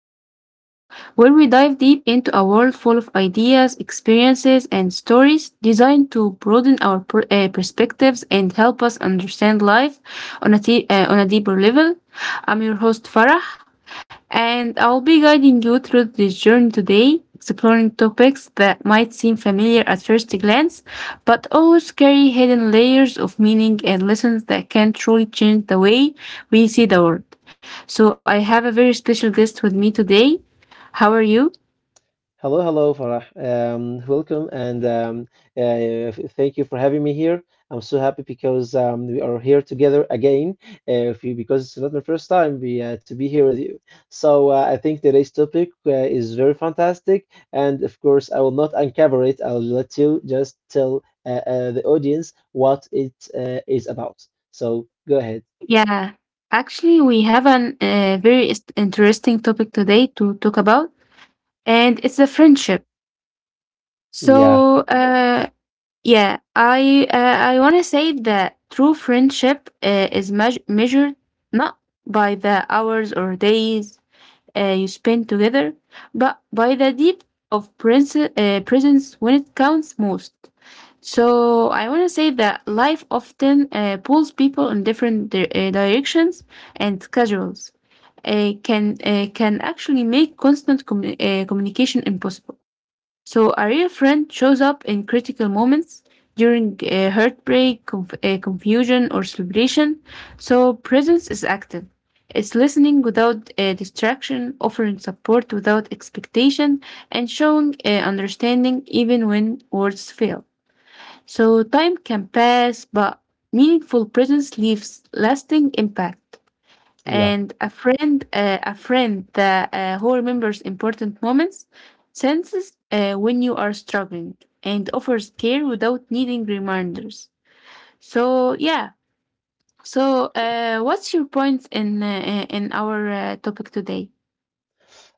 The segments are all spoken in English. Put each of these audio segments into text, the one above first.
podcast where we dive deep into a world full of ideas, experiences, and stories designed to broaden our perspectives and help us understand life on on a deeper level. I'm your host, Farah, and I'll be guiding you through this journey today, exploring topics that might seem familiar at first glance, but always carry hidden layers of meaning and lessons that can truly change the way we see the world. So I have a very special guest with me today. How are you? Hello, hello, Farah. Welcome and uh, thank you for having me here. I'm so happy because we are here together again. If you, because it's not my first time to be here with you. So I think today's topic is very fantastic, and of course I will not uncover it. I'll let you just tell the audience what it is about. So go ahead. Yeah, actually, we have an interesting topic today to talk about, and it's the friendship. So, Yeah, uh, yeah, I want to say that true friendship is measured not by the hours or days, you spend together, but by the depth of presence when it counts most. So I want to say that life often pulls people in different directions and schedules. Can actually make constant communication impossible. So a real friend shows up in critical moments during heartbreak, confusion, or celebration. So presence is active. It's listening without distraction, offering support without expectation, and showing understanding even when words fail. So time can pass, but meaningful presence leaves lasting impact, yeah. and a friend that who remembers important moments senses when you are struggling and offers care without needing reminders. So yeah so uh, what's your points in our topic today?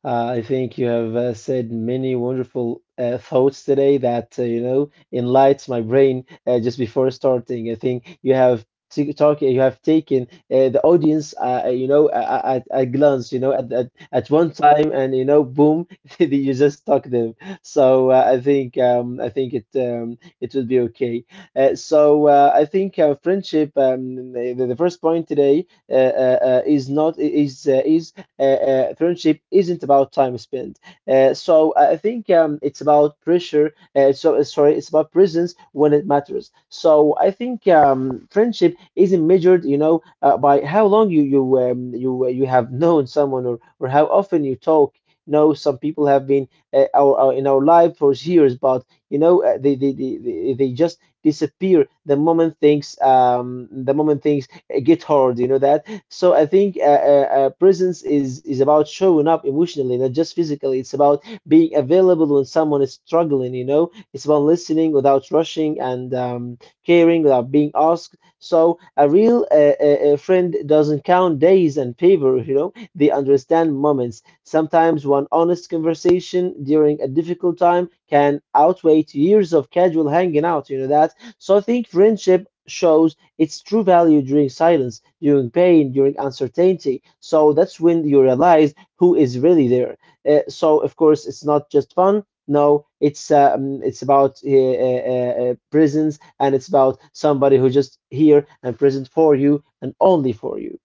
I think you have said many wonderful thoughts today that, you know, enlights my brain just before starting. I think you have t talk, you have taken the audience, you know, at a glance, you know, at one time, and you know, boom, you just talk them. So I think it will be okay. I think friendship, the first point today is not is is friendship isn't about time spent. I think it's about pressure. Sorry, it's about presence when it matters. So I think friendship isn't measured, you know, by how long you have known someone or how often you talk. You know, some people have been in our life for years, but you know, they just disappear the moment things get hard, you know that. So I think presence is about showing up emotionally, not just physically. It's about being available when someone is struggling. You know, it's about listening without rushing and caring without being asked. So a real friend doesn't count days and favor. You know, they understand moments. Sometimes one honest conversation during a difficult time can outweigh years of casual hanging out. You know that. So I think friendship shows its true value during silence, during pain, during uncertainty. So that's when you realize who is really there. So of course, it's not just fun. No, it's about presence, and it's about somebody who just here and present for you and only for you.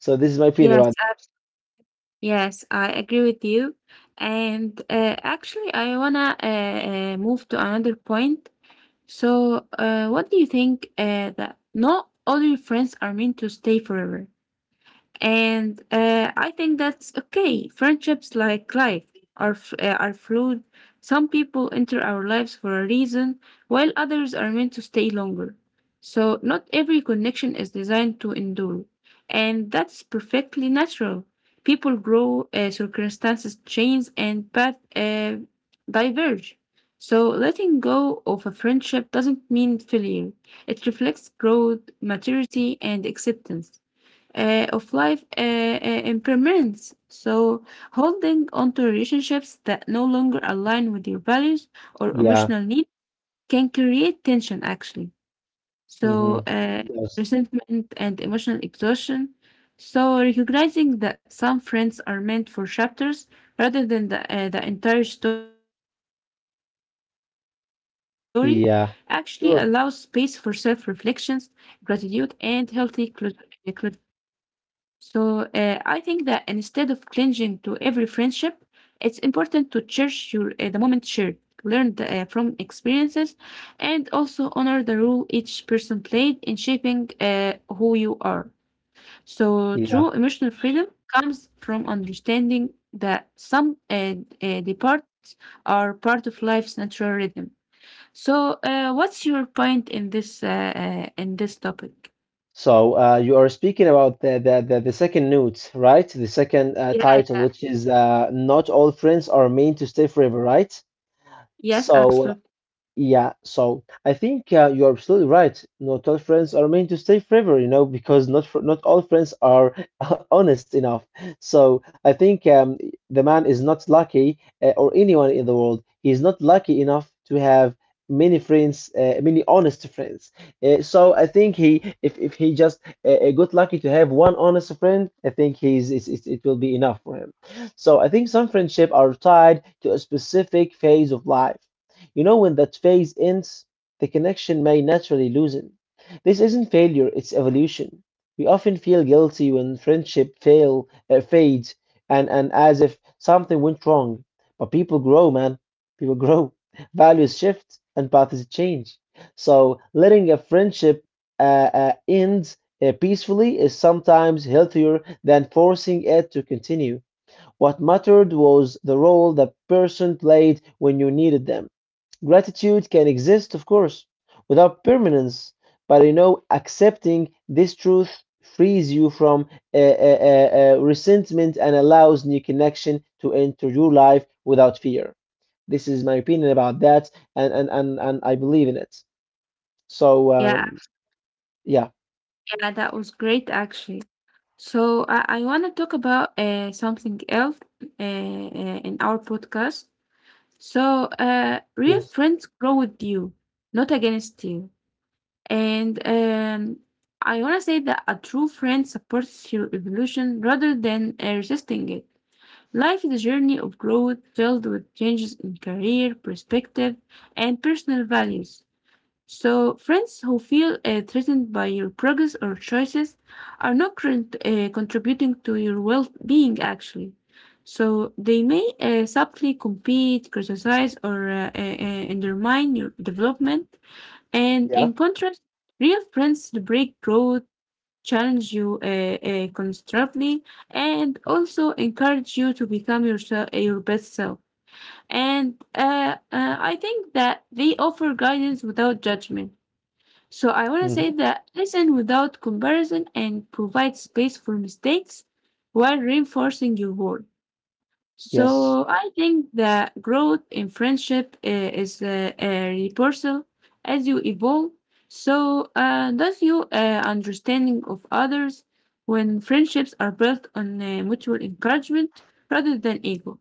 So this is my opinion Yes, about. uh, yes, I agree with you, and actually I wanna move to another point. So what do you think that not all your friends are meant to stay forever? And I think that's okay. Friendships, like life, are fluid. Some people enter our lives for a reason, while others are meant to stay longer. So, not every connection is designed to endure. And that's perfectly natural. People grow, circumstances change, and paths diverge. So, letting go of a friendship doesn't mean failure, it reflects growth, maturity, and acceptance of life impermanence. So, holding on to relationships that no longer align with your values or Yeah. emotional needs can create tension actually. So, Mm-hmm. uh, Yes. Resentment and emotional exhaustion. So, recognizing that some friends are meant for chapters rather than the entire story actually allows space for self reflections, Yeah. gratitude, Sure. and healthy closure. So I think that instead of clinging to every friendship, it's important to cherish your the moment shared, learn from experiences, and also honor the role each person played in shaping who you are. So true emotional Yeah. freedom comes from understanding that some departs are part of life's natural rhythm. So what's your point in this topic? So you are speaking about the, the second note, right? The second Yeah. title, which is Not All Friends Are Meant to Stay Forever, right? Yes, So absolutely. yeah, so I think you are absolutely right. Not all friends are meant to stay forever, you know, because not all friends are honest enough. So I think the man is not lucky, or anyone in the world, he is not lucky enough to have many friends, many honest friends. So I think if he just got lucky to have one honest friend, I think it will be enough for him. So I think some friendship are tied to a specific phase of life, you know, when that phase ends, the connection may naturally loosen. This isn't failure, it's evolution. We often feel guilty when friendship fades, and as if something went wrong. But people grow, man. People grow. Values shift and paths change. So letting a friendship uh, end peacefully is sometimes healthier than forcing it to continue. What mattered was the role the person played when you needed them. Gratitude can exist, of course, without permanence, but you know, accepting this truth frees you from resentment and allows new connection to enter your life without fear. This is my opinion about that, and and I believe in it. So, Yeah, yeah, yeah, that was great actually. So I want to talk about something else in our podcast. So real yes, friends grow with you, not against you. And I want to say that a true friend supports your evolution rather than resisting it. Life is a journey of growth filled with changes in career, perspective, and personal values. So, friends who feel threatened by your progress or choices are not contributing to your well being, actually. So, they may subtly compete, criticize, or undermine your development. And in yeah, contrast, real friends celebrate growth, challenge you constructively, and also encourage you to become yourself, your best self. And I think that they offer guidance without judgment, so I want to say hmm, that listen without comparison and provide space for mistakes while reinforcing your worth. yes, So I think that growth in friendship is a reversal as you evolve. So does your understanding of others when friendships are built on mutual encouragement rather than ego.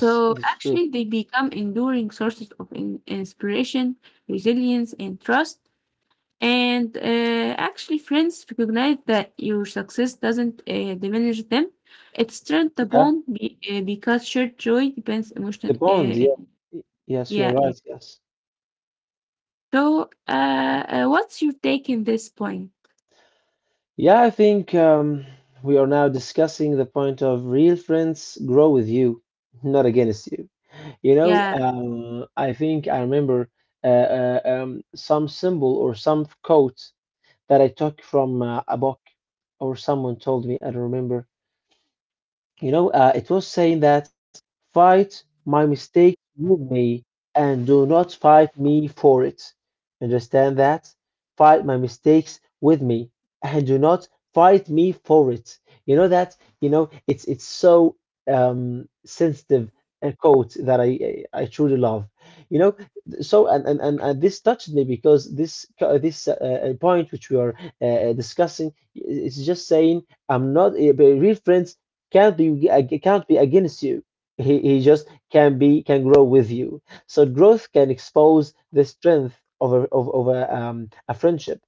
So this is true. actually, they become enduring sources of inspiration, resilience, and trust, and actually, friends recognize that your success doesn't diminish them. It strengthens the Yeah, bond because shared joy depends the emotional. bond. Yeah, yes, you're Yeah, yeah. right. Yes. So, what's your take in this point? Yeah, I think we are now discussing the point of real friends grow with you, not against you. You know, Yeah, I think I remember some symbol or some quote that I took from a book or someone told me, I don't remember. You know, it was saying that, fight my mistake with me and do not fight me for it. Understand that? Fight my mistakes with me and do not fight me for it. You know that? You know, it's so sensitive a quote that I truly love. You know, so and this touched me because this point which we are discussing is just saying, I'm not real friends can't be against you. He just can be, can grow with you. So growth can expose the strength of a, of, of a friendship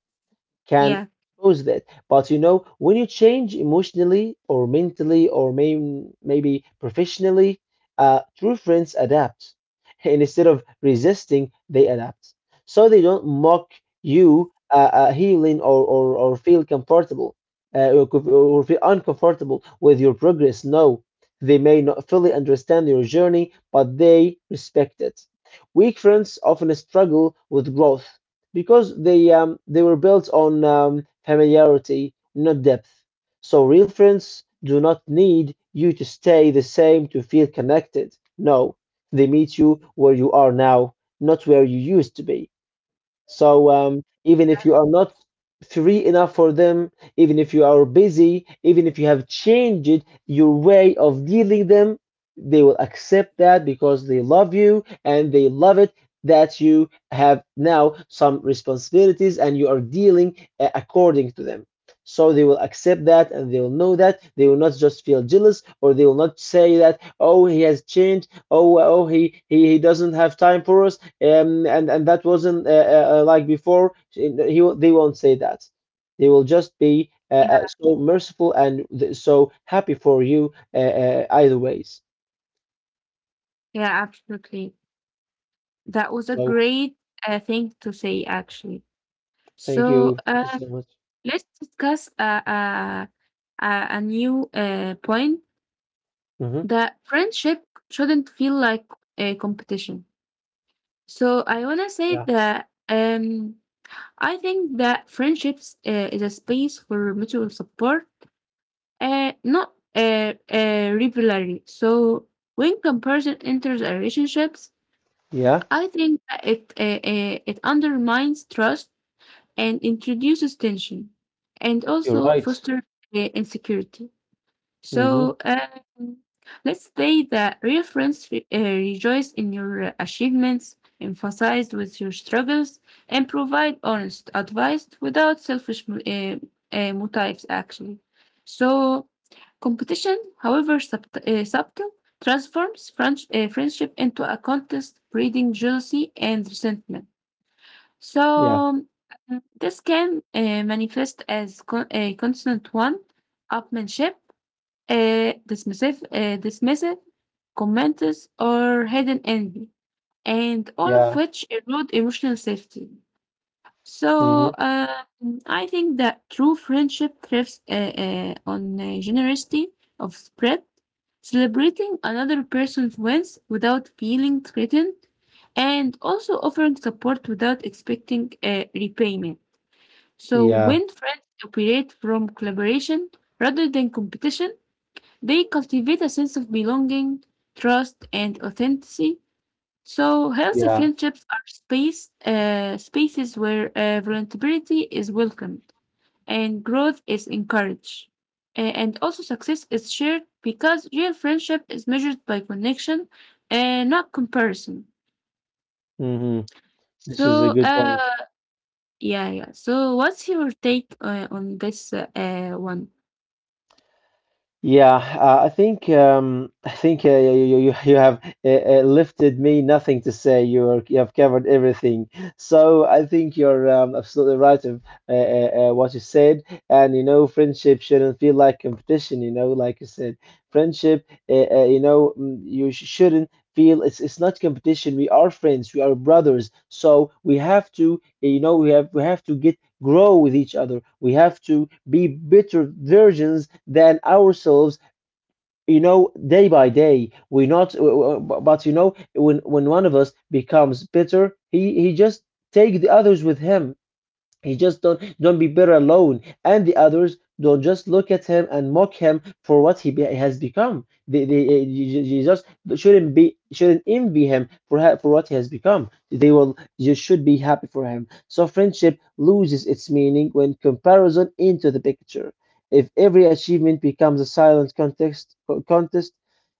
can yeah, cause that. But you know, when you change emotionally or mentally or maybe professionally, true friends adapt. And instead of resisting, they adapt. So they don't mock you healing, or, or feel comfortable uh, or, co- or feel uncomfortable with your progress. No, they may not fully understand your journey, but they respect it. Weak friends often struggle with growth because they were built on familiarity, not depth. So real friends do not need you to stay the same to feel connected. No, they meet you where you are now, not where you used to be. So even if you are not free enough for them, even if you are busy, even if you have changed your way of dealing them, they will accept that because they love you and they love it that you have now some responsibilities and you are dealing according to them. So they will accept that and they will know that they will not just feel jealous or they will not say that, oh, he has changed, oh, he doesn't have time for us, and that wasn't like before. They won't say that. They will just be yeah, so merciful and th so happy for you either ways. yeah. Absolutely, that was a So great thing to say. Actually, so thank you so much. let's discuss a new point, Hmm. that friendship shouldn't feel like a competition. So I wanna say Yeah, that I think that friendships is a space for mutual support, not rivalry. So when comparison enters a relationships, yeah, I think that it undermines trust and introduces tension, and you're also right. fosters insecurity. So Hmm. Let's say that real friends rejoice in your achievements, emphasize with your struggles, and provide honest advice without selfish motives, actually. So, competition, however subtle, transforms friendship into a contest, breeding jealousy and resentment. So, Yeah, this can manifest as a constant one upmanship, dismissive comments or hidden envy, and all of yeah, which erode emotional safety. So hmm, I think that true friendship thrives on generosity of spread, celebrating another person's wins without feeling threatened, and also offering support without expecting repayment. So yeah, when friends operate from collaboration rather than competition, they cultivate a sense of belonging, trust, and authenticity. So healthy yeah. friendships are spaces where vulnerability is welcomed and growth is encouraged. And also success is shared because real friendship is measured by connection and not comparison. Hmm. This is a So good point. uh yeah yeah. So what's your take on this one? Yeah, I think you have lifted me nothing to say. You are, you have covered everything. So I think you're absolutely right of what you said. And you know, friendship shouldn't feel like competition. You know, like you said, friendship. You know, you sh shouldn't feel it's not competition. We are friends. We are brothers. So we have to, you know, we have to get grow with each other. We have to be better versions than ourselves. You know, day by day, we not. But you know, when one of us becomes bitter, he just take the others with him. He just don't be better alone. And the others don't just look at him and mock him for what has become. You just shouldn't envy him for for what he has become. They will, you should be happy for him. So friendship loses its meaning when comparison into the picture. If every achievement becomes a silent contest,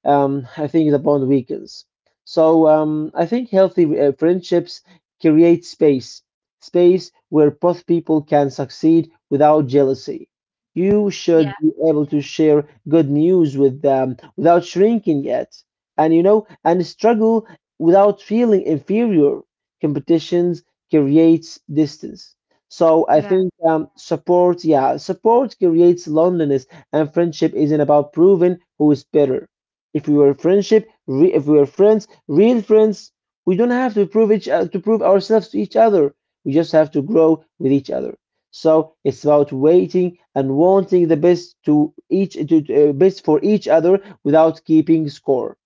I think the bond weakens. So I think healthy friendships create space where both people can succeed without jealousy. You Yeah should be able to share good news with them without shrinking it, and you know, and struggle without feeling inferior. Competitions creates distance. So I yeah think support, yeah, support creates loneliness, and friendship isn't about proving who is better. If we were friendship, if we were friends, real friends, we don't have to prove each to prove ourselves to each other. We just have to grow with each other. So it's about waiting and wanting the best best for each other without keeping score.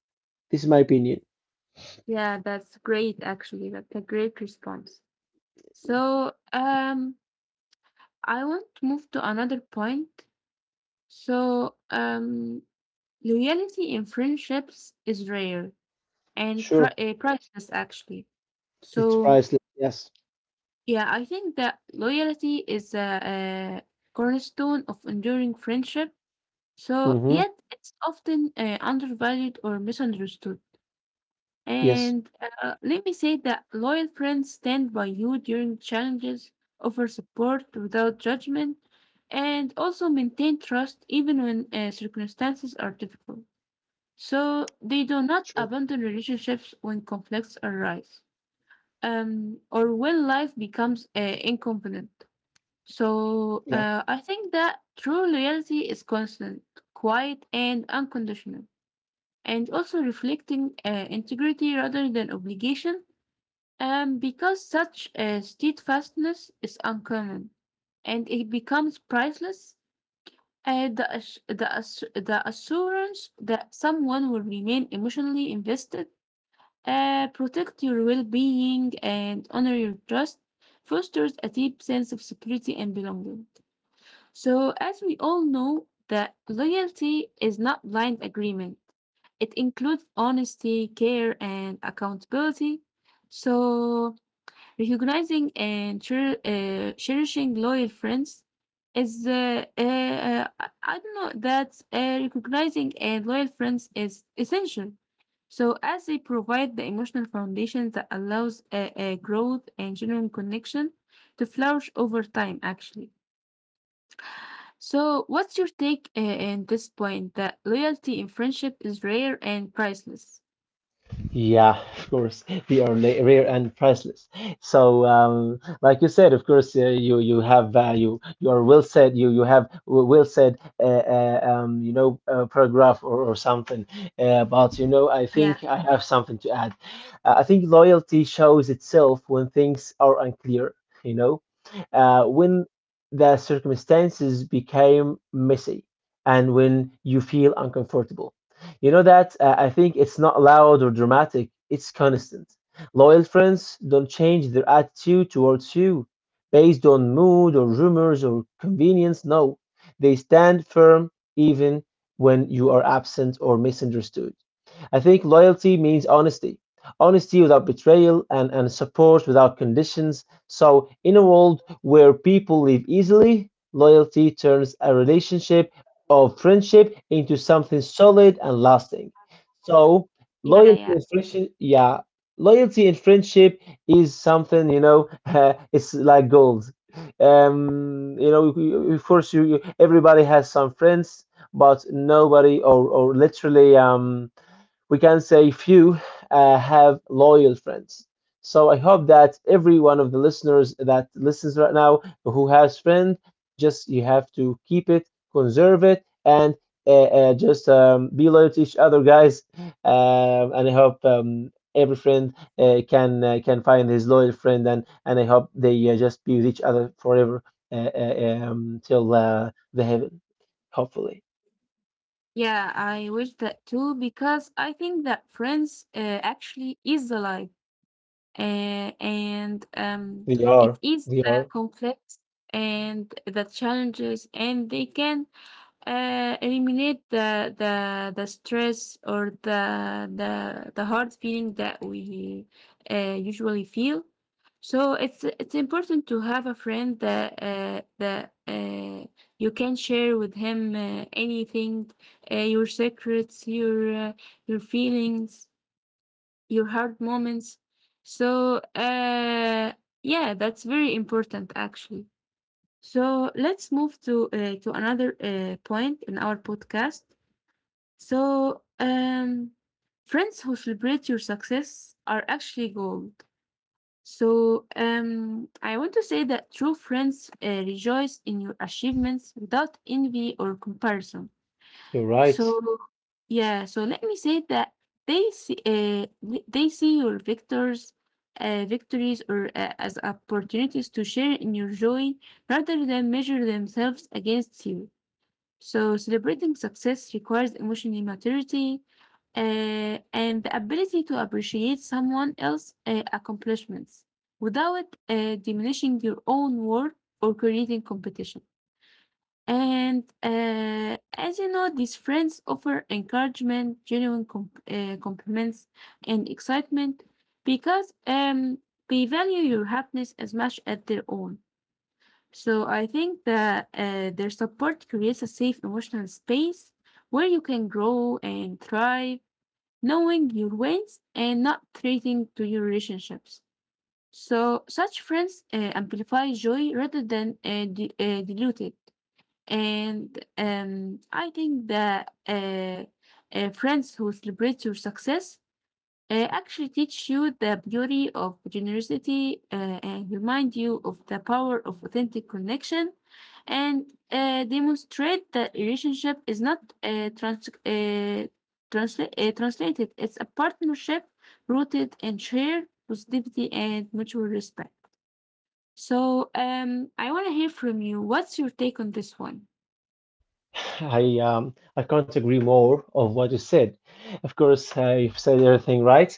This is my opinion. yeah. That's great actually. That's a great response. So, I want to move to another point. So, loyalty in friendships is rare and Sure, Yes. priceless, actually. it's So, priceless. Yes. yeah, I think that loyalty is a cornerstone of enduring friendship. So, Mm-hmm. yet it's often undervalued or misunderstood. Yes. And let me say that loyal friends stand by you during challenges, offer support without judgment, and also maintain trust even when circumstances are difficult. So they do not Sure. abandon relationships when conflicts arise or when life becomes inconvenient. So Yeah. I think that true loyalty is constant, quiet, and unconditional, and also reflecting integrity rather than obligation because such a steadfastness is uncommon, and it becomes priceless. The assurance that someone will remain emotionally invested, protect your well being, and honor your trust fosters a deep sense of security and belonging. So, as we all know, that loyalty is not blind agreement, it includes honesty, care, and accountability. So, recognizing and cherishing loyal friends is, I don't know, that recognizing and loyal friends is essential. So, as they provide the emotional foundation that allows growth and genuine connection to flourish over time, actually. So, what's your take in this point that loyalty in friendship is rare and priceless? Yeah, of course, they are rare and priceless. So, like you said, of course, you have value. You are well said. You have well said. You know, paragraph or something. But you know, I Yeah, think I have something to add. I think loyalty shows itself when things are unclear. You know, when the circumstances became messy, and when you feel uncomfortable. You know that I think it's not loud or dramatic, it's constant. Loyal friends don't change their attitude towards you based on mood or rumors or convenience. No, they stand firm even when you are absent or misunderstood. I think loyalty means honesty. Honesty without betrayal and support without conditions. So, in a world where people live easily, loyalty turns a relationship of friendship into something solid and lasting. So yeah, loyalty yeah. and friendship, yeah, loyalty and friendship is something you know. It's like gold. You know, of course, you everybody has some friends, but nobody or literally we can say few have loyal friends. So I hope that every one of the listeners that listens right now who has friend, just you have to keep it, conserve it, and uh, just be loyal to each other, guys. And I hope every friend can find his loyal friend, and I hope they just be with each other forever till the heaven. Hopefully, Yeah, I wish that too because I think that friends actually is the life, and they are. it is They are. complex and the challenges, and they can eliminate the stress or the hard feeling that we usually feel. So it's important to have a friend that you can share with him anything, your secrets, your feelings, your hard moments. So yeah, that's very important actually. So let's move to another point in our podcast. So friends who celebrate your success are actually gold. So I want to say that true friends rejoice in your achievements without envy or comparison. You're So right. yeah, so let me say that they they see your victories or as opportunities to share in your joy rather than measure themselves against you. So celebrating success requires emotional maturity and the ability to appreciate someone else's accomplishments without diminishing your own worth or creating competition. And as you know, these friends offer encouragement, genuine compliments, and excitement because they value your happiness as much as their own. So I think that their support creates a safe emotional space where you can grow and thrive, knowing your wins and not threatening to your relationships. So such friends amplify joy rather than dilute it. And I think that Friends who celebrate your success actually teach you the beauty of generosity and remind you of the power of authentic connection and demonstrate that relationship is not translated, it's a partnership rooted in shared positivity and mutual respect. I want to hear from you. What's your take on this one? I can't agree more of what you said. Of course, you've said everything right,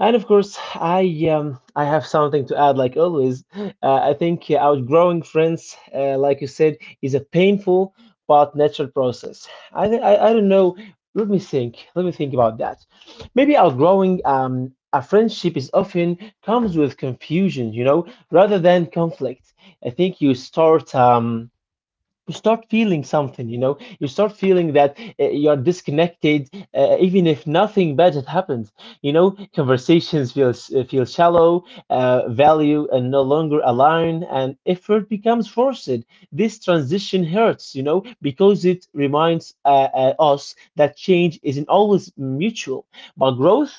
and of course, I have something to add. Like always, I think outgrowing friends, like you said, is a painful but natural process. I, th- I don't know. Let me think. Let me think about that. Maybe outgrowing a friendship is often comes with confusion, you know, rather than conflict. I think you start feeling something, you know, you start feeling that you're disconnected even if nothing bad had happened. You know, feel shallow, value and no longer aligned, and effort becomes forced. This transition hurts, you know, because it reminds us that change isn't always mutual, but growth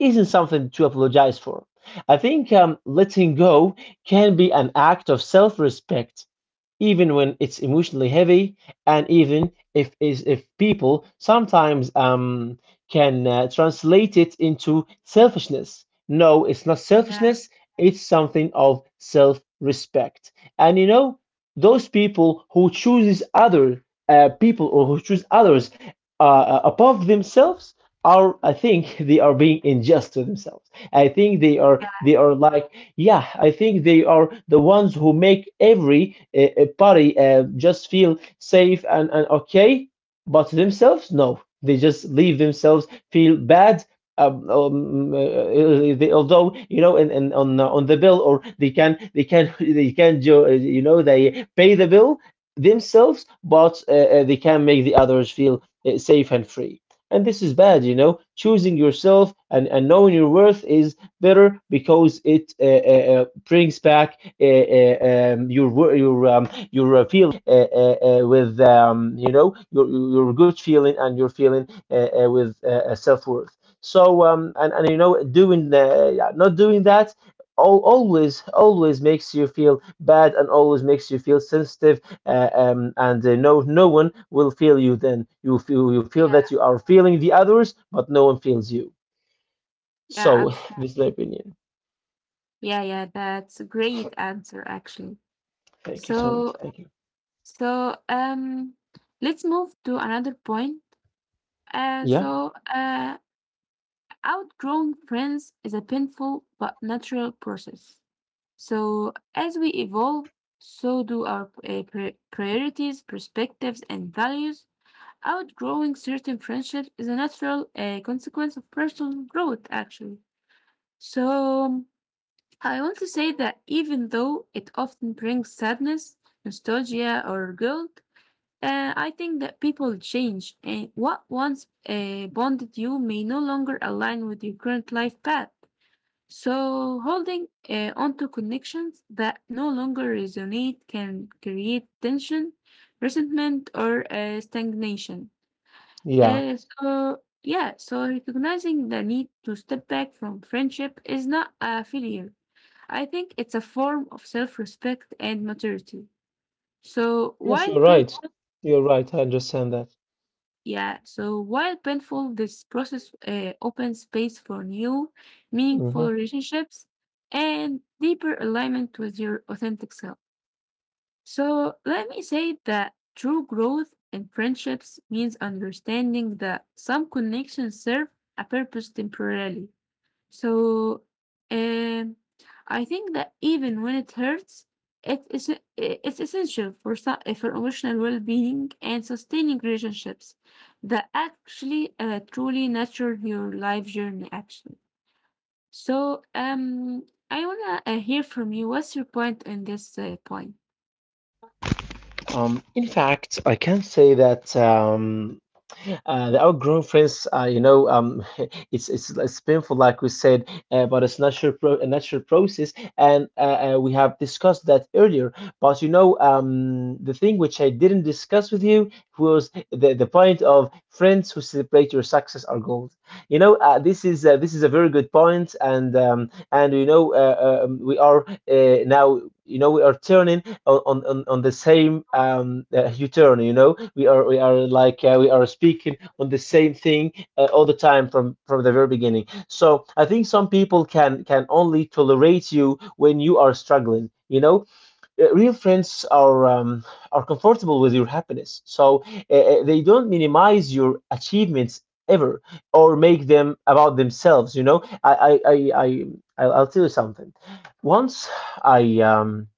isn't something to apologize for. I think letting go can be an act of self respect, even when it's emotionally heavy, and even if is if people sometimes can translate it into selfishness. No, it's not Yeah. selfishness. It's something of self-respect. And you know, those people who chooses other people, or who choose others above themselves are, I think, they are being unjust to themselves. I think they are like yeah, I think they are the ones who make every party just feel safe and okay, but themselves, no. They just leave themselves feel bad. They, although you know, and on the bill, or they can they can jo- eh, you know they pay the bill themselves, but they can make the others feel safe and free. And this is bad, you know. Choosing yourself, and knowing your worth, is better because it brings back your feeling with you know your good feeling and your feeling with self worth. So and you know not doing that always, always makes you feel bad, and always makes you feel sensitive, and no, no one will feel you. Then you feel that you are feeling the others, but no one feels you. Yeah, So, absolutely. this is my opinion. Yeah, yeah, that's a great answer actually. Thank you so So, much. Thank you. so let's move to another point. Uh, Yeah. so uh, Outgrowing friends is a painful but natural process. So as we evolve, so do our priorities, perspectives, and values. Outgrowing certain friendships is a natural consequence of personal growth, actually. So I want to say that even though it often brings sadness, nostalgia, or guilt, I think that people change, and what once bonded you may no longer align with your current life path. So holding onto connections that no longer resonate can create tension, resentment, or stagnation. Yeah. So recognizing the need to step back from friendship is not a failure. I think it's a form of self-respect and maturity. So Yes, while you're right. painful, You're right. I understand that. yeah, so while painful, this process opens space for new, Mm-hmm. meaningful relationships and deeper alignment with your authentic self. So let me say that true growth in friendships means understanding that some connections serve a purpose temporarily. So, um, I think that even when it hurts, it is it's essential for for emotional well-being and sustaining relationships that actually truly nurture your life journey. Actually, I wanna hear from you. What's your point on this point? In fact, I can say that the outgrown friends, you know, it's it's painful, like we said, but it's natural pro a natural process, and we have discussed that earlier. But you know, the thing which I didn't discuss with you was the point of friends who celebrate your success are gold. You know, this is a very good point, and you know, we are now. You know, we are turning on the same journey. You know, we are speaking on the same thing all the time from the very beginning. So I think some people can only tolerate you when you are struggling. You know, real friends are comfortable with your happiness, so they don't minimize your achievements ever or make them about themselves. You know, I I'll tell you something. Once I um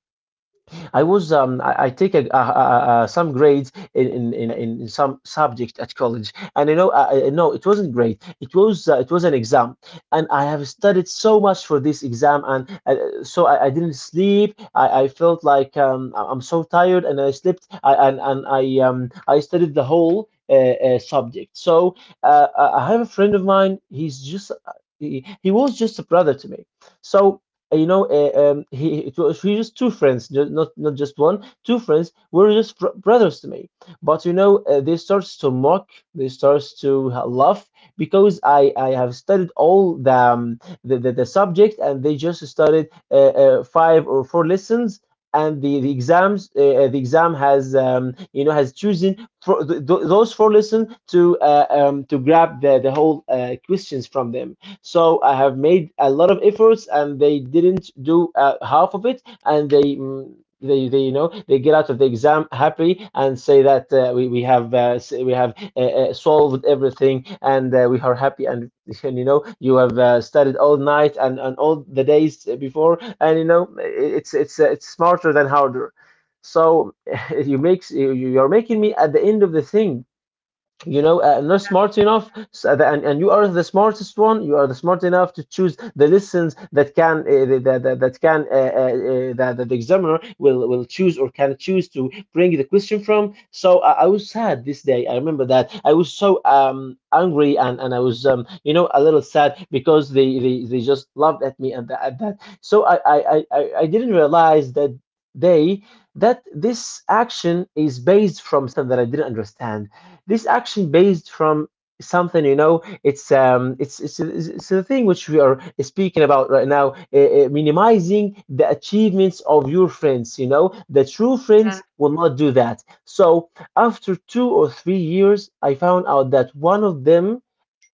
I was I take some grades some subject at college, and you know, no, it wasn't great. It was an exam, and I have studied so much for this exam, and I didn't sleep. I felt like I'm so tired, and I slept. I, and I I studied the whole subject. So I have a friend of mine. He was just a brother to me. So you know, he it was we just two friends, not not just one, two friends were just fr brothers to me. But you know, they starts to mock, they starts to ha- laugh because I have studied all the subject, and they just studied five or four lessons. And the exams, the exam has you know has chosen for th th those four lessons to grab the whole questions from them. So I have made a lot of efforts, and they didn't do half of it, and they you know they get out of the exam happy and say that we have solved everything, and we are happy, and and you know you have studied all night, and all the days before, and you know it's smarter than harder. So you're making me at the end of the thing, you know, not smart enough, so and you are the smartest one, you are the smart enough to choose the lessons that can that can that the examiner will choose or can choose to bring the question from. So I was sad this day. I remember that I was so angry, and I was you know a little sad because they just laughed at me, at that. So I didn't realize that they, that this action is based from something that I didn't understand, this action based from something, you know. It's the thing which we are speaking about right now, minimizing the achievements of your friends. You know, the true friends will not do that. So after 2 or 3 years I found out that one of them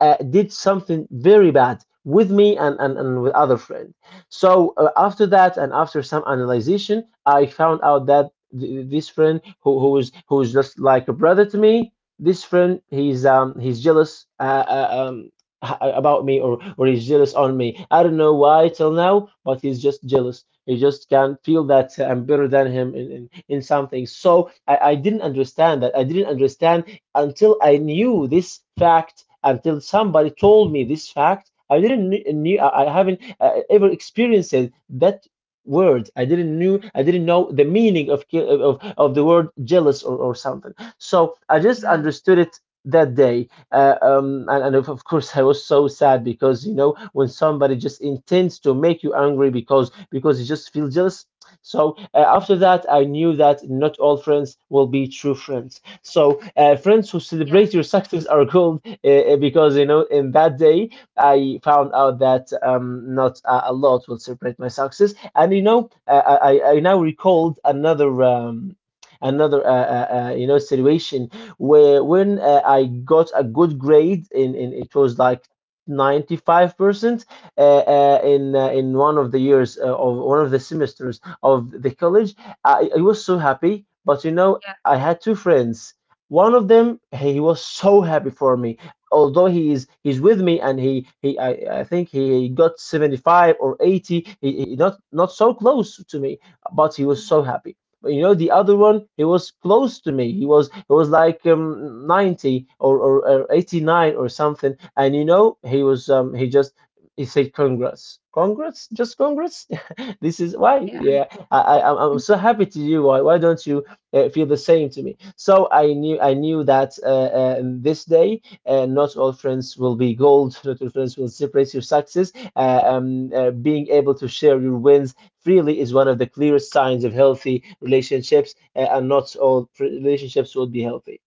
did something very bad with me, and with other friend. So after that, and after some analyzation, I found out that this friend, who who is just like a brother to me, this friend, he's jealous about me, or he's jealous on me. I don't know why till now, but he's just jealous. He just can feel that I'm better than him in something. So I didn't understand that. I didn't understand until I knew this fact, until somebody told me this fact. I didn't knew, I haven't ever experienced that word. I didn't knew, I didn't know the meaning of the word jealous, or something. So I just Yeah, understood it that day, and of course I was so sad, because you know when somebody just intends to make you angry because you just feel jealous. So after that I knew that not all friends will be true friends. So friends who yeah, celebrate your success are called because you know in that day I found out that not a lot will celebrate my success. And you know, I now recalled another another, you know, situation where when I got a good grade in it was like 95% in one of the years of one of the semesters of the college. I was so yeah, happy, but you know, I had two friends. One of them, he was so happy for me. Although he's with me, and he I think he got 75 or 80. He not so close to me, but he mm, was so happy. But the other one, he was close to me. He was like 90 or 89 or something. And he was he said congrats, congrats, just congrats. This is why, yeah, yeah. I'm mm, so happy to you, why don't you feel the same to me? So I knew that this day, not all friends will be gold. Not all friends will celebrate your success. Being able to share your wins freely is one of the clearest signs of healthy relationships, and not all relationships will be healthy.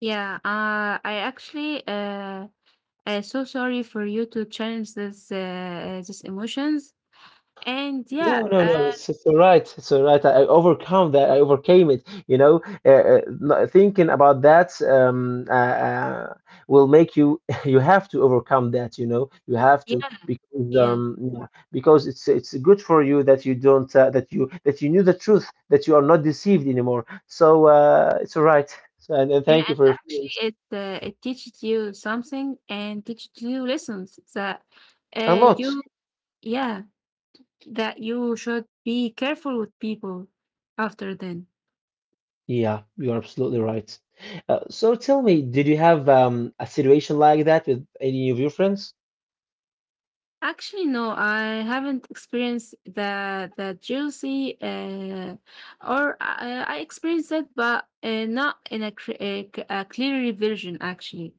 yeah. I actually so sorry for you to challenge this these emotions. And yeah, No, no, no. It's all right. It's all right. I overcome that. I overcame it. Thinking about that will make you. You have to overcome that. You have to, yeah, because yeah, because it's good for you that you don't that you knew the truth, that you are not deceived anymore. So it's all right. So, and yeah. thank you And for your actually, feelings. It teaches you something and teaches you lessons that A lot. you yeah, that you should be careful with people after then. Yeah, you're absolutely right. So tell me, did you have a situation like that with any of your friends? Actually, no, I haven't experienced the jealousy, or I experienced it, but not in a, a clear version actually.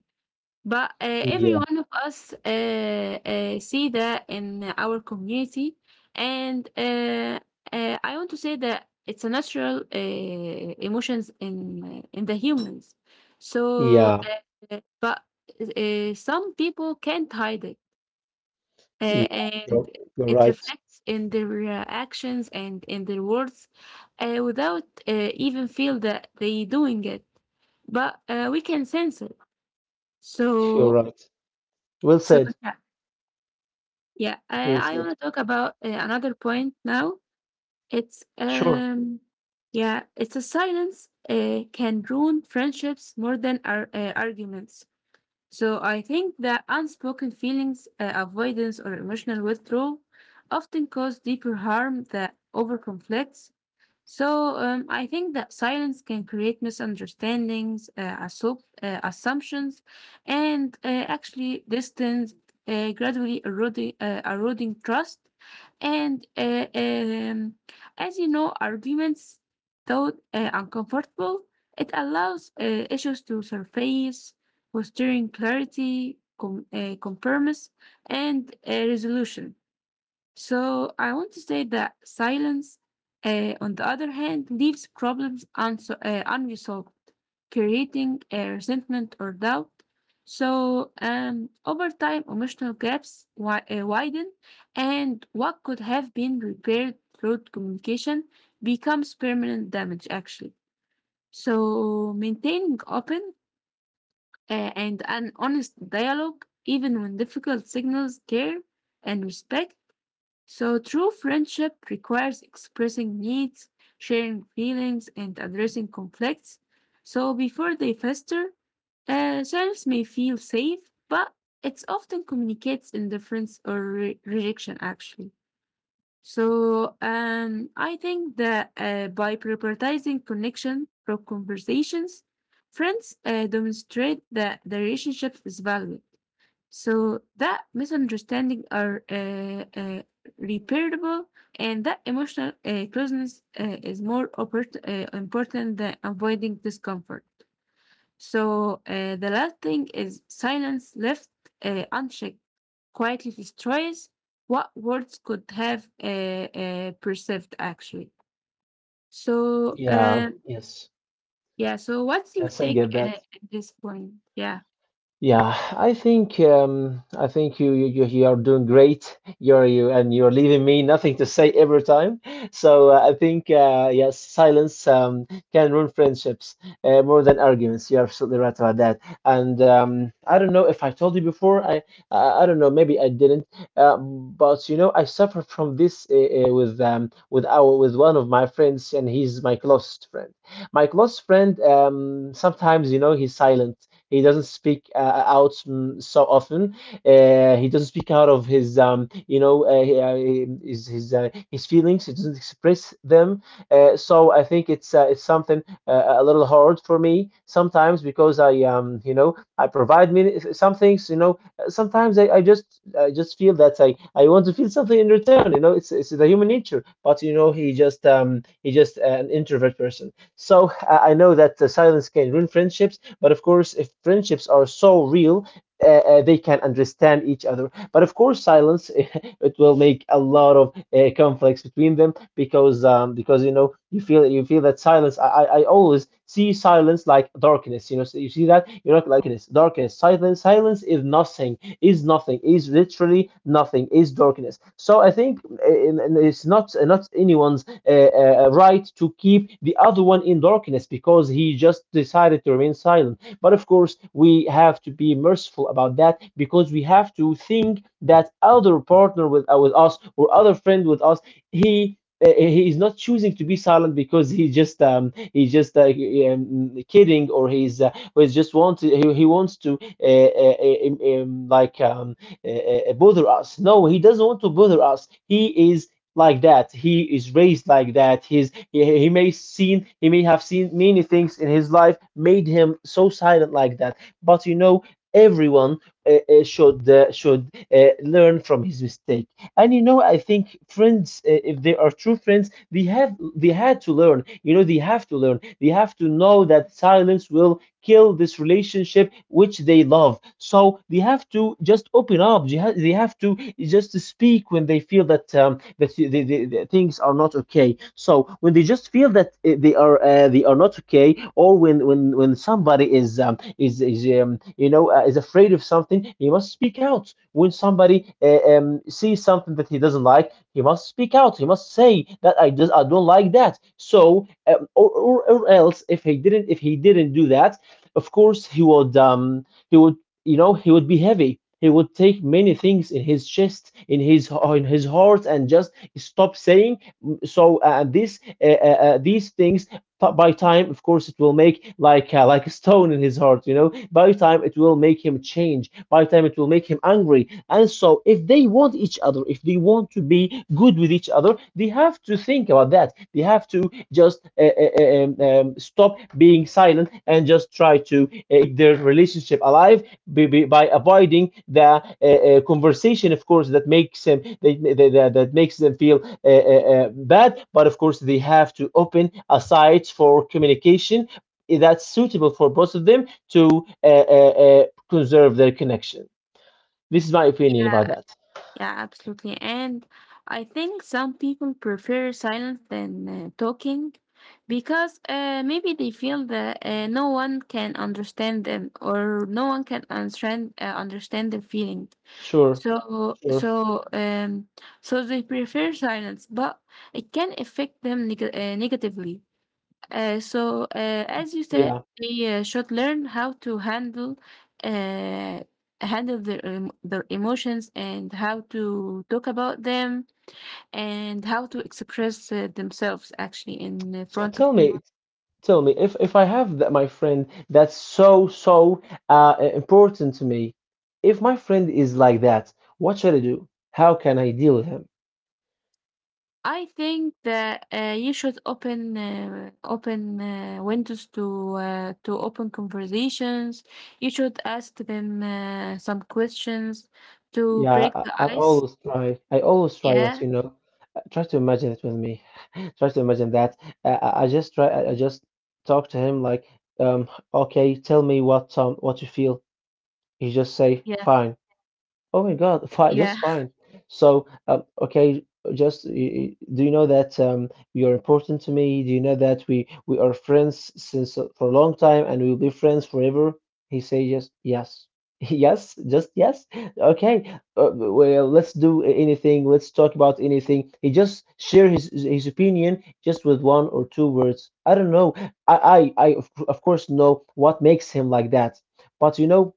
But uh, every Yeah, one of us uh, uh, see that in our community, and I want to say that it's a natural emotions in the humans. So, yeah, but some people can't hide it, uh, yeah. and You're, you're it right. reflects in their actions and in their words, without even feel that they doing it. But we can sense it. You're So, right. Well so said. yeah. Yeah, Well I want said. to talk about another point now. It's Sure. Yeah, it's a silence can ruin friendships more than arguments. So I think that unspoken feelings, avoidance, or emotional withdrawal often cause deeper harm than over conflicts. I think that silence can create misunderstandings, assumptions, and actually distance, gradually eroding trust. And As you know, arguments, though uncomfortable, it allows issues to surface, fostering clarity, compromise, and resolution. So I want to say that silence, on the other hand, leaves problems unresolved, creating resentment or doubt. So over time, emotional gaps widen, and what could have been repaired through communication becomes permanent damage, actually. So maintaining open and an honest dialogue, even when difficult signals care and respect. So true friendship requires expressing needs, sharing feelings, and addressing conflicts. So before they fester, silence may feel safe, but it often communicates indifference or rejection, actually. I think that by prioritizing connection from conversations, friends demonstrate that the relationship is valued. So that misunderstanding are uh, repairable, and that emotional closeness is more important than avoiding discomfort. So the last thing is silence left unchecked quietly destroys what words could have perceived actually. So Yeah, um, yes. yeah. So what's your Yes, I take get that. At this point? Yeah. Yeah, I think you are doing great. You're you and you're leaving me nothing to say every time. So I think yes, silence can ruin friendships more than arguments. You're absolutely right about that. And I don't know if I told you before. I don't know. Maybe I didn't. But I suffer from this with one of my friends, and he's my closest friend. My close friend, sometimes he's silent. He doesn't speak out, so often. He doesn't speak out of his, his feelings. He doesn't express them. So I think it's something a little hard for me sometimes, because I provide me some things. Sometimes I just feel that I want to feel something in return. It's the human nature. But he just an introvert person. So I know that silence can ruin friendships, but of course, if friendships are so real, they can understand each other. But of course, silence it will make a lot of conflicts between them, because because you feel that silence. I always see silence like darkness. So you see that, like darkness, darkness. Silence, silence is nothing, is nothing, is literally nothing, is darkness. So I think it's not anyone's right to keep the other one in darkness because he just decided to remain silent. But of course, we have to be merciful about that, because we have to think that other partner with us, or other friend with us, he. He is not choosing to be silent, because he's just um, kidding, or he's but he just wants, he wants to like bother us. No, he doesn't want to bother us. He is like that. He is raised like that. He's he may seen he may have seen many things in his life made him so silent like that. But everyone should learn from his mistake. And I think friends, if they are true friends, they had to learn. They have to learn. They have to know that silence will kill this relationship which they love. So they have to just open up. They have to just speak when they feel that the things are not okay. So when they just feel that they are not okay, or when somebody is is afraid of something, he must speak out. When somebody sees something that he doesn't like, he must speak out. He must say that I don't like that. So or else if he didn't do that, of course, he would he would he would be heavy. He would take many things in his chest, in his heart, and just stop saying. So this these things by time, of course, it will make, like, like a stone in his heart. By time it will make him change, by time it will make him angry. And so, if they want each other if they want to be good with each other, they have to think about that. They have to just uh, uh, stop being silent and just try to keep their relationship alive, by avoiding the conversation, of course, that, that makes them feel uh, uh, uh, bad. But of course, they have to open a site for communication that's suitable for both of them to uh, uh, uh, conserve their connection. This is my opinion about that. Yeah, absolutely. And I think some people prefer silence than talking because maybe they feel that no one can understand them or no one can understand understand their feeling. Sure, So sure. so um, so they prefer silence, but it can affect them negatively. As you said, Yeah. they should learn how to handle uh, handle their their emotions and how to talk about them and how to express themselves actually in So front of tell me, people. tell me, if I have that my friend that's so important to me. If my friend is like that, what should I do? How can I deal with him? I think that you should open windows to open conversations. You should ask them some questions to Yeah, break I, the I ice. always try. I always try, but Yeah, you know. Try to imagine it with me. Try to imagine that. I just try. I just talk to him like, um, okay, tell me what, what you feel. He just say, yeah, fine. Oh my God, fine, just yeah, fine. So, okay, just do you know that, you're important to me? Do you know that we are friends since for a long time, and we'll be friends forever? He say just yes, yes, just yes. Okay, well, let's do anything. Let's talk about anything. He just share his opinion just with one or two words. I don't know. I of course know what makes him like that, but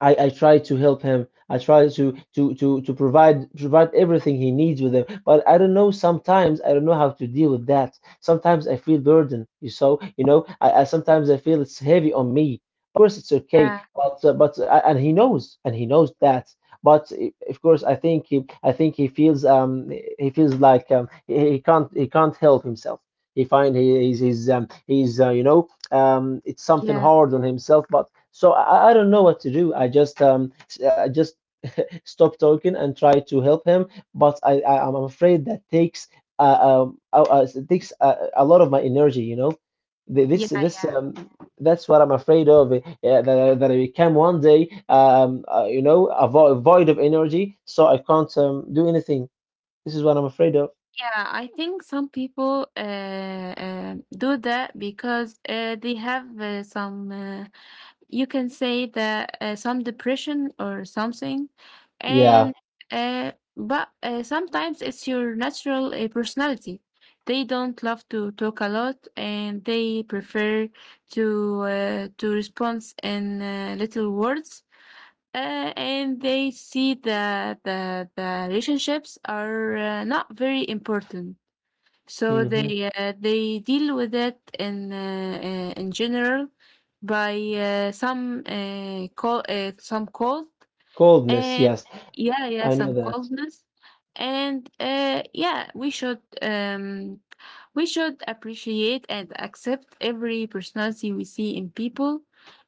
I try to help him. I try to provide everything he needs with him. But I don't know, sometimes I don't know how to deal with that. Sometimes I feel burden. You so you know I sometimes I feel it's heavy on me. Of course it's okay, yeah, but and he knows that. But of course I think he feels like he can't help himself. He find he, he's It's something yeah. hard on himself, but so I don't know what to do. I just stop talking and try to help him, but I'm afraid that takes uh, it takes a lot of my energy. Th- This Yeah, this yeah, that's what I'm afraid of. Yeah, that I become one day a vo void of energy, so I can't do anything. This is what I'm afraid of. yeah. I think some people do that because they have some, you can say that some depression or something, Yeah. and but sometimes it's your natural personality. They don't love to talk a lot, and they prefer to respond in little words and they see that the relationships are not very important. So Hmm. They deal with it in general by some call some calls, Coldness. and Yes, yeah, yeah, I know some that. coldness. And yeah, we should appreciate and accept every personality we see in people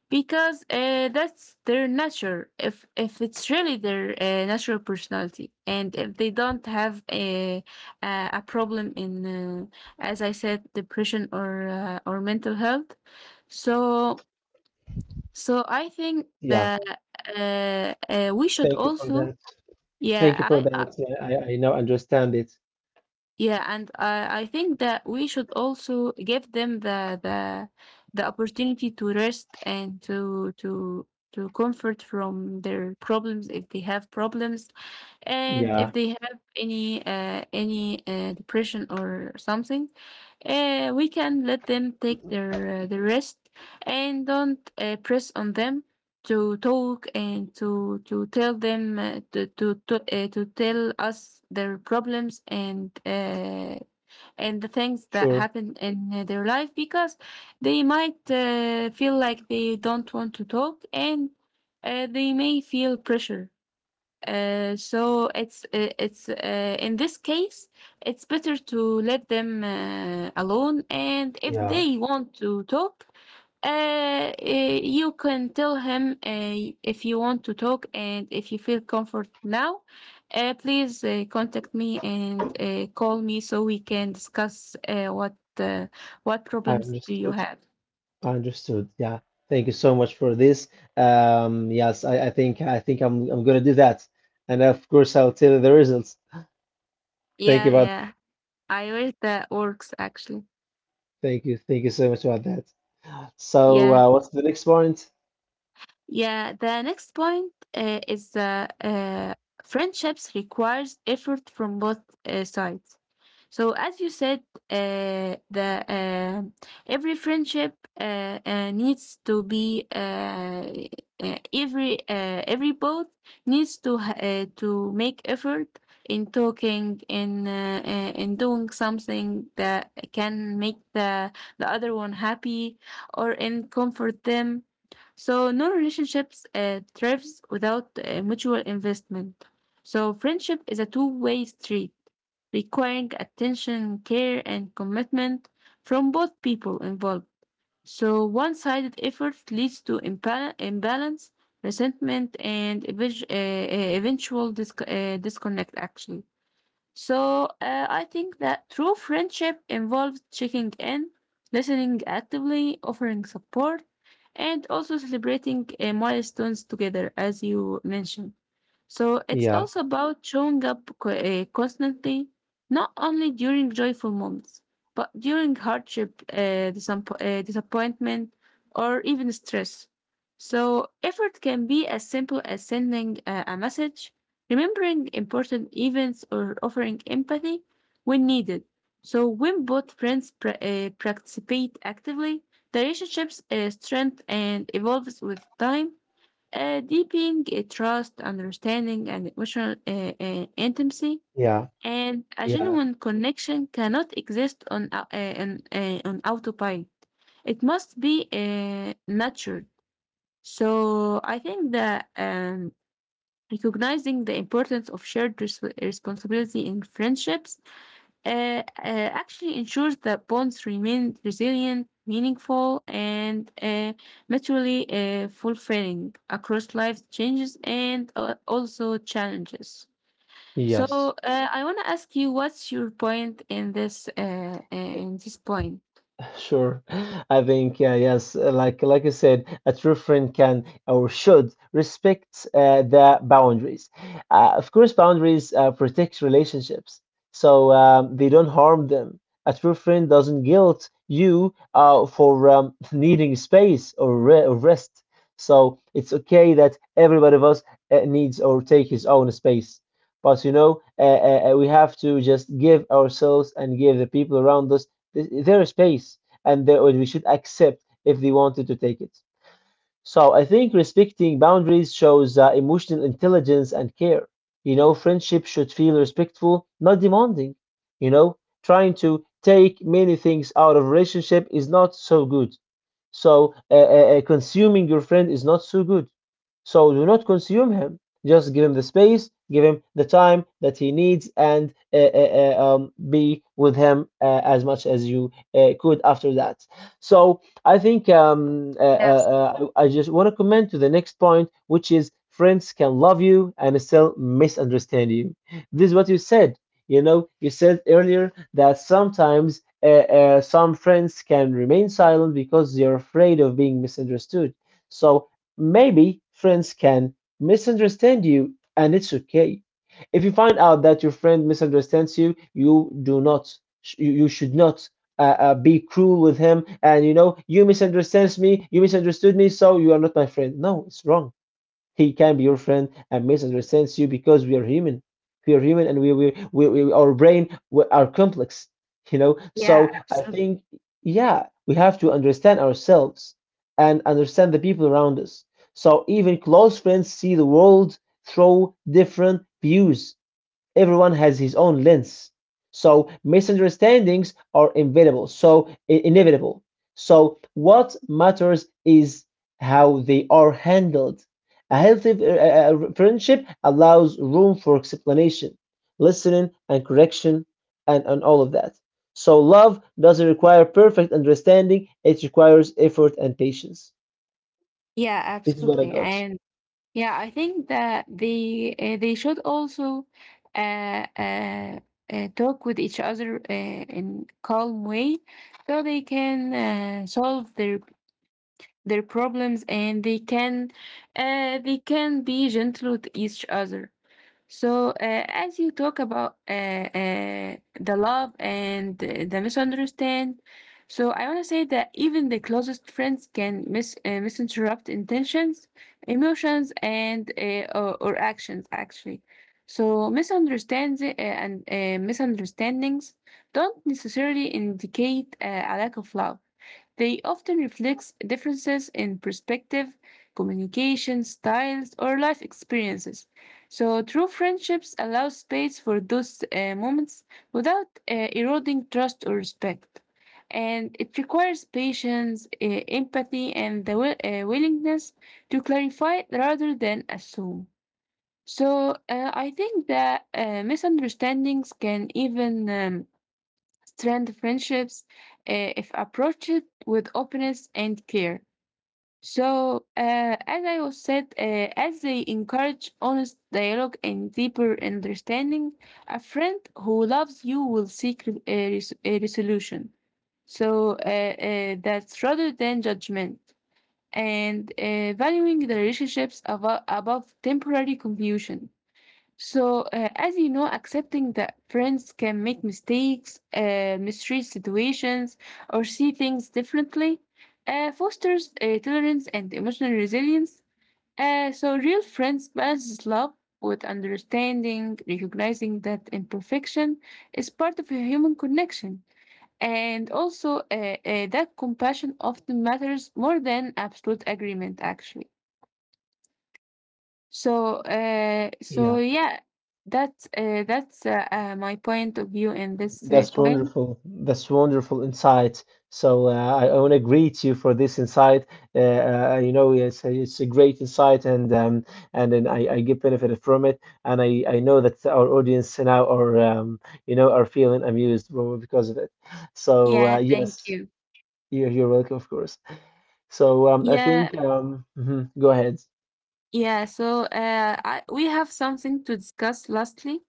because that's their nature. If it's really their natural personality, and if they don't have a problem in, as I said, depression or mental health, so so I think Yeah. that we should Thank you for also, that. yeah, Thank you for I, that. Yeah, I now understand it. yeah, and I think that we should also give them the the opportunity to rest and to comfort from their problems if they have problems, and if Yeah, they have any depression or something, we can let them take their the rest and don't press on them to talk and to tell them to tell us their problems and the things that sure. happen in their life because they might feel like they don't want to talk and they may feel pressure, so it's in this case it's better to let them alone, and if Yeah, they want to talk you can tell him if you want to talk and if you feel comfort now please contact me and call me so we can discuss what I problems do you understood. have. I understood. Yeah. Thank you so much for this. Yes, I think I'm gonna do that. And of course I'll tell you the results. Thank you Yeah, about yeah, I wish that works actually. thank you. Thank you so much about that. So Yeah. uh, what's the next point? Yeah, the next point is friendships requires effort from both sides. So as you said, the every friendship needs to be every both needs to make effort in talking in doing something that can make the other one happy or in comfort them. So no relationships thrives without mutual investment. So friendship is a two-way street requiring attention, care, and commitment from both people involved. So one sided effort leads to imbalance, resentment, and eventual disconnect, actually. So, I think that true friendship involves checking in, listening actively, offering support, and also celebrating milestones together, as you mentioned. So it's Yeah, also about showing up constantly, not only during joyful moments, but during hardship, disappointment, or even stress. So effort can be as simple as sending a message, remembering important events, or offering empathy when needed. So when both friends participate actively, the relationships strength and evolves with time, deepening trust, understanding, and emotional intimacy. yeah, And a yeah, genuine connection cannot exist on on autopilot. It must be nurtured. So I think that recognizing the importance of shared responsibility in friendships actually ensures that bonds remain resilient, meaningful, and mutually fulfilling across life's changes and also challenges. So yes. I want to ask you, what's your point in this point? Sure. I think, yeah, yes, like you said, a true friend can, or should, respect the boundaries. Of course, boundaries protect relationships, so they don't harm them. A true friend doesn't guilt you for needing space, or rest. So it's okay that everybody of us needs or take his own space. But we have to just give ourselves and give the people around us their space, and that we should accept if they wanted to take it. So I think respecting boundaries shows emotional intelligence and care. You know, friendship should feel respectful, not demanding. You know, Trying to take many things out of relationship is not so good. So consuming your friend is not so good. So do not consume him. Just give him the space, give him the time that he needs, and be with him as much as you could after that. So I think Yes. I just want to comment to the next point, which is friends can love you and still misunderstand you. This is what you said. You know, you said earlier that sometimes some friends can remain silent because they're afraid of being misunderstood. So maybe friends can misunderstand you, and it's okay. If you find out that your friend misunderstands you, you do not, you, you should not be cruel with him. And you know, you misunderstands me, you misunderstood me, so you are not my friend. No, it's wrong. He can be your friend and misunderstands you because we are human. We are human, and we our brain we are complex, you know. So I think, yeah, we have to understand ourselves and understand the people around us. So even close friends see the world through different views, everyone has his own lens. So misunderstandings are inevitable. So inevitable. So what matters is how they are handled. A healthy friendship allows room for explanation, listening, and correction, and all of that. So love doesn't require perfect understanding; it requires effort and patience. Yeah, This is what I absolutely. got. And yeah, I think that they should also uh, uh, talk with each other in calm way, so they can solve their problems and they can be gentle with each other. So, as you talk about the love and the misunderstand, so I want to say that even the closest friends can misinterpret intentions, emotions, and or or actions actually. So misunderstands and misunderstandings don't necessarily indicate a lack of love. They often reflect differences in perspective, communication styles, or life experiences. So true friendships allow space for those moments without eroding trust or respect. And it requires patience, empathy, and the willingness to clarify rather than assume. So I think that misunderstandings can even strengthen friendships if approached with openness and care. So as I was said, as they encourage honest dialogue and deeper understanding, a friend who loves you will seek a resolution. That's rather than judgment, and valuing the relationships above temporary confusion. So, as you know, accepting that friends can make mistakes, misread situations, or see things differently fosters tolerance and emotional resilience. So, real friends balance love with understanding, recognizing that imperfection is part of a human connection. And also, that compassion often matters more than absolute agreement, actually. So, so Yeah. yeah, that's my point of view in this That's point. wonderful. That's wonderful insight. So I want to greet you for this insight. Uh, you know, it's a great insight, and then I get benefited from it, and I know that our audience now are you know are feeling amused because of it. So Yeah, thank yes, you. You're welcome, of course. So I Yeah, think mhm, go ahead. yeah. So, I, we have something to discuss. Lastly,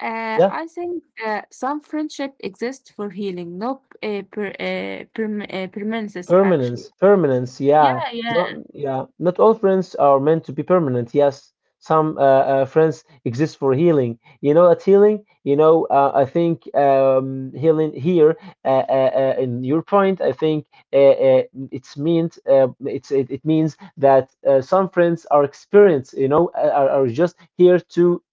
Yeah. I think some friendship exists for healing, not permanence, Permanence, actually. permanence, yeah. Yeah, yeah, Not yeah, not all friends are meant to be permanent. Yes, some friends exist for healing. You know, at healing, you know, I think healing here uh, uh, in your point, I think it's meant it's it, it means that some friends are experienced, you know, are just here to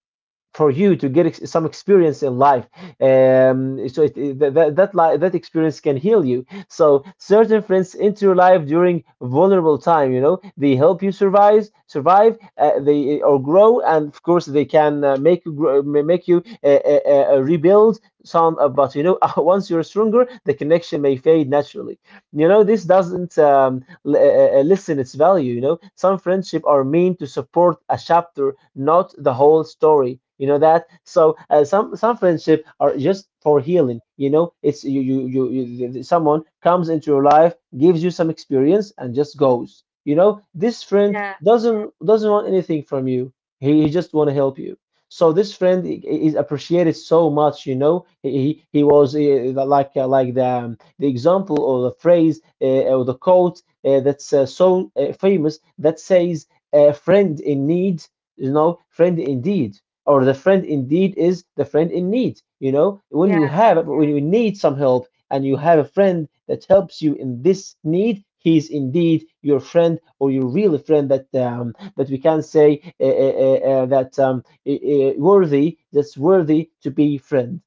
for you to get some experience in life, so it, that experience can heal you. So certain friends into your life during vulnerable time, you know, they help you survive, they or grow, and of course they can make you grow, make you rebuild some, but you know, once you're stronger the connection may fade naturally. You know, this doesn't lessen its value. You know, some friendship are meant to support a chapter, not the whole story. You know that. So some friendship are just for healing. You know, it's someone comes into your life, gives you some experience, and just goes. You know, this friend yeah, doesn't want anything from you. He just want to help you. So this friend is appreciated so much, you know. He was like the example or the phrase or the quote that's so famous that says a friend in need, you know, friend indeed, or the friend indeed is the friend in need. You know, when yeah, you have, when you need some help and you have a friend that helps you in this need, he's indeed your friend or your real friend, that that we can say that worthy, that's worthy to be friend.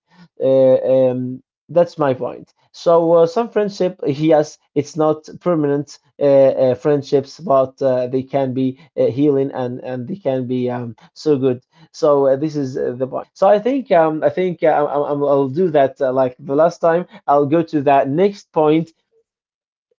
uh, um, that's my point. So some friendship, yes, it's not permanent friendships, but they can be healing, and they can be so good. So this is the point. So I think I'll do that like the last time. I'll go to that next point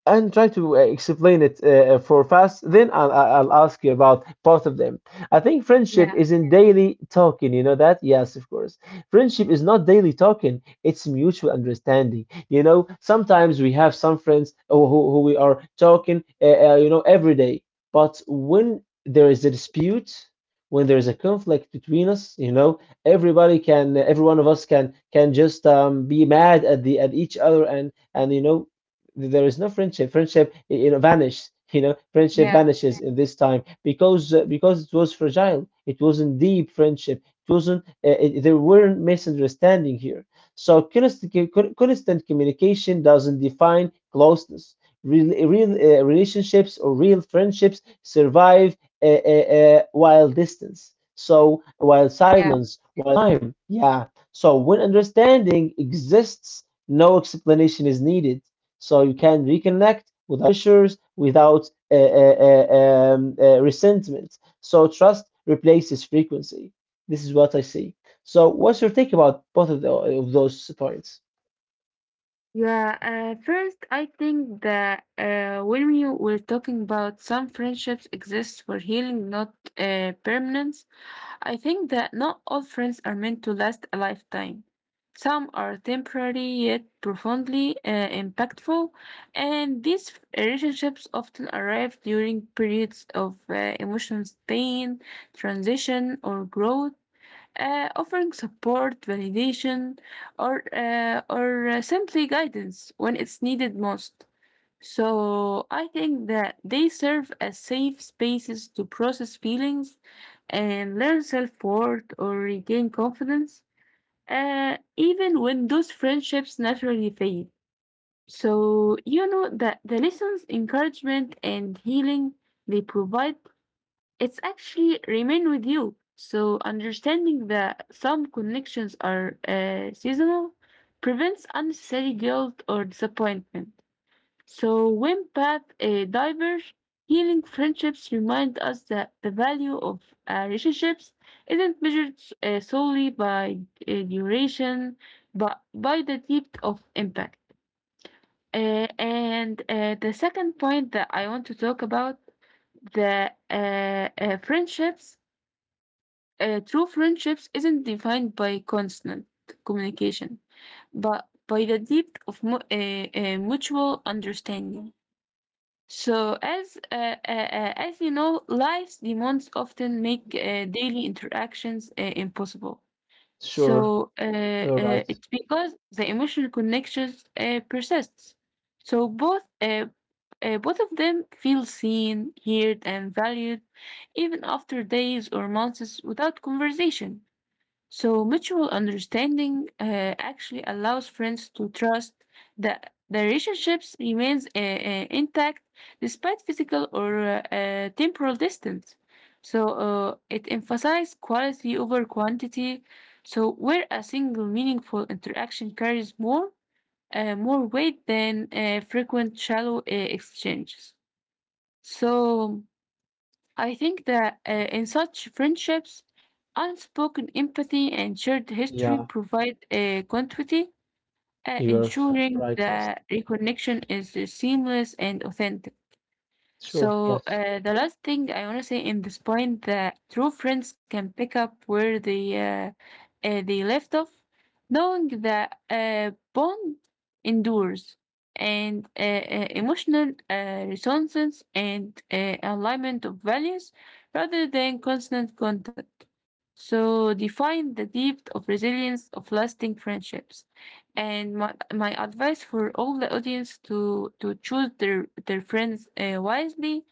and try to explain it for fast. Then I'll ask you about both of them. I think friendship yeah, is in daily talking. You know that? Yes, of course. Friendship is not daily talking. It's mutual understanding. You know, sometimes we have some friends who we are talking, you know, every day. But when there is a dispute, when there is a conflict between us, you know, everybody can, every one of us can just be mad at the at each other, and you know there is no friendship. Friendship, you know, vanished. You know, friendship yeah, vanishes in this time because it was fragile. It wasn't deep friendship. It wasn't. There weren't misunderstanding here. So constant communication doesn't define closeness. Real relationships or real friendships survive while distance. So while yeah. silence, while time, yeah. So when understanding exists, no explanation is needed, so you can reconnect without pressures, without resentment. So trust replaces frequency. This is what I see. So what's your take about both of, the, of those points? Yeah, first, I think that when we were talking about some friendships exist for healing, not permanence, I think that not all friends are meant to last a lifetime. Some are temporary yet profoundly impactful, and these relationships often arrive during periods of emotional pain, transition, or growth, offering support, validation, or simply guidance when it's needed most. So I think that they serve as safe spaces to process feelings and learn self-worth or regain confidence, even when those friendships naturally fade. So you know that the lessons, encouragement, and healing they provide, it's actually remain with you. So understanding that some connections are seasonal prevents unnecessary guilt or disappointment. So when paths diverge, healing friendships remind us that the value of relationships isn't measured solely by duration, but by the depth of impact. And the second point that I want to talk about, the friendships, true friendships isn't defined by constant communication, but by the depth of mutual understanding. So, as you know, life's demands often make daily interactions impossible. Sure, So, you're right. it's because the emotional connections persists. So, both of them feel seen, heard, and valued, even after days or months without conversation. So mutual understanding actually allows friends to trust that the relationships remains intact despite physical or temporal distance. So it emphasizes quality over quantity. So where a single meaningful interaction carries more weight than frequent shallow exchanges. So I think that in such friendships, unspoken empathy and shared history Yeah, provide a continuity, you're ensuring right. Yes, that reconnection is seamless and authentic. sure. So Yes, the last thing I want to say in this point, that true friends can pick up where they left off, knowing that bond endures, and emotional resonance and alignment of values rather than constant contact. So define the depth of resilience of lasting friendships. And my advice for all the audience to choose their friends wisely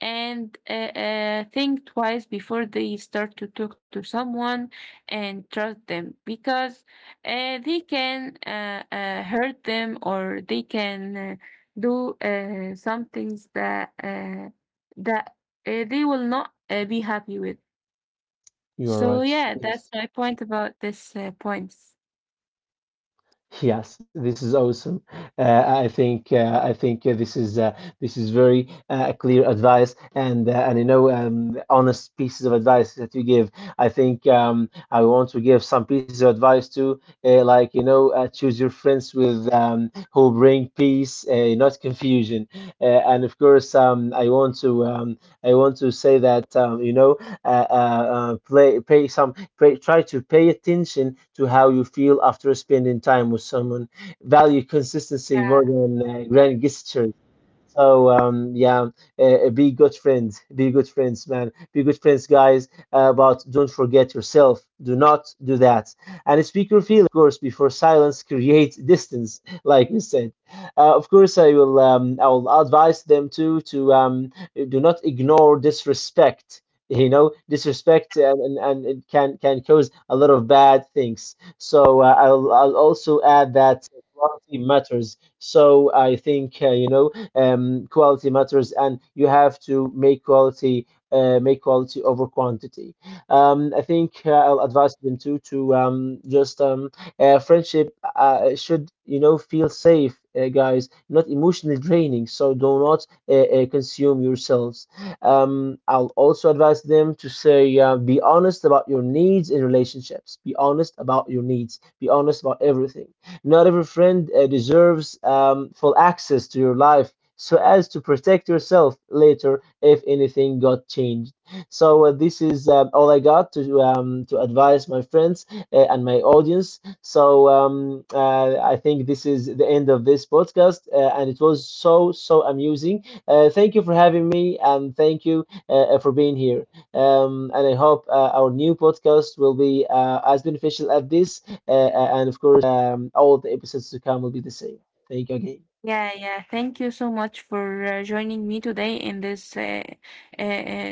and think twice before they start to talk to someone and trust them, because they can hurt them, or they can do some things that that they will not be happy with. you're So right. yeah, that's Yes. my point about this points. Yes, this is awesome. I think this is very clear advice, and you know honest pieces of advice that you give. I think I want to give some pieces of advice too, like you know choose your friends with who bring peace, not confusion. And of course, I want to say that you know, play, pay some, pay, try to pay attention to how you feel after spending time with someone. Value consistency Yeah. more than grand gestures. So yeah, be good friends, man, be good friends, guys. But don't forget yourself. Do not do that. And speak your feelings, of course, before silence creates distance, like we said. Of course, I will. I will advise them to do not ignore disrespect. You know, disrespect, and it can cause a lot of bad things. So I'll also add that quality matters. So I think you know quality matters, and you have to make quality over quantity. I think I'll advise them too to just friendship should you know feel safe, guys, not emotionally draining. So do not consume yourselves. I'll also advise them to say be honest about your needs in relationships. Be honest about your needs. Be honest about everything. Not every friend deserves full access to your life so as to protect yourself later if anything got changed. So this is all I got to advise my friends and my audience. So I think this is the end of this podcast, and it was so so amusing. Thank you for having me, and thank you for being here. And I hope our new podcast will be as beneficial as this, and of course, all the episodes to come will be the same. Thank you again. Yeah, yeah. Thank you so much for joining me today in this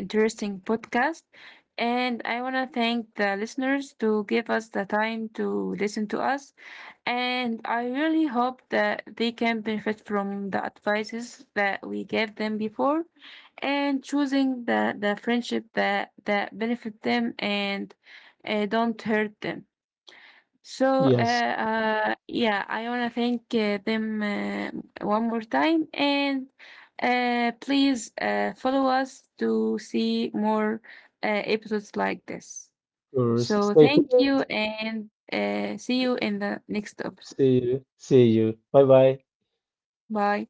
interesting podcast. And I want to thank the listeners to give us the time to listen to us. And I really hope that they can benefit from the advices that we gave them before, and choosing the friendship that benefit them and don't hurt them. So Yes. Yeah, I want to thank them one more time, and please follow us to see more episodes like this. course. So Stay thank you, tuned. and see you in the next episode. See you. See you. Bye bye. Bye.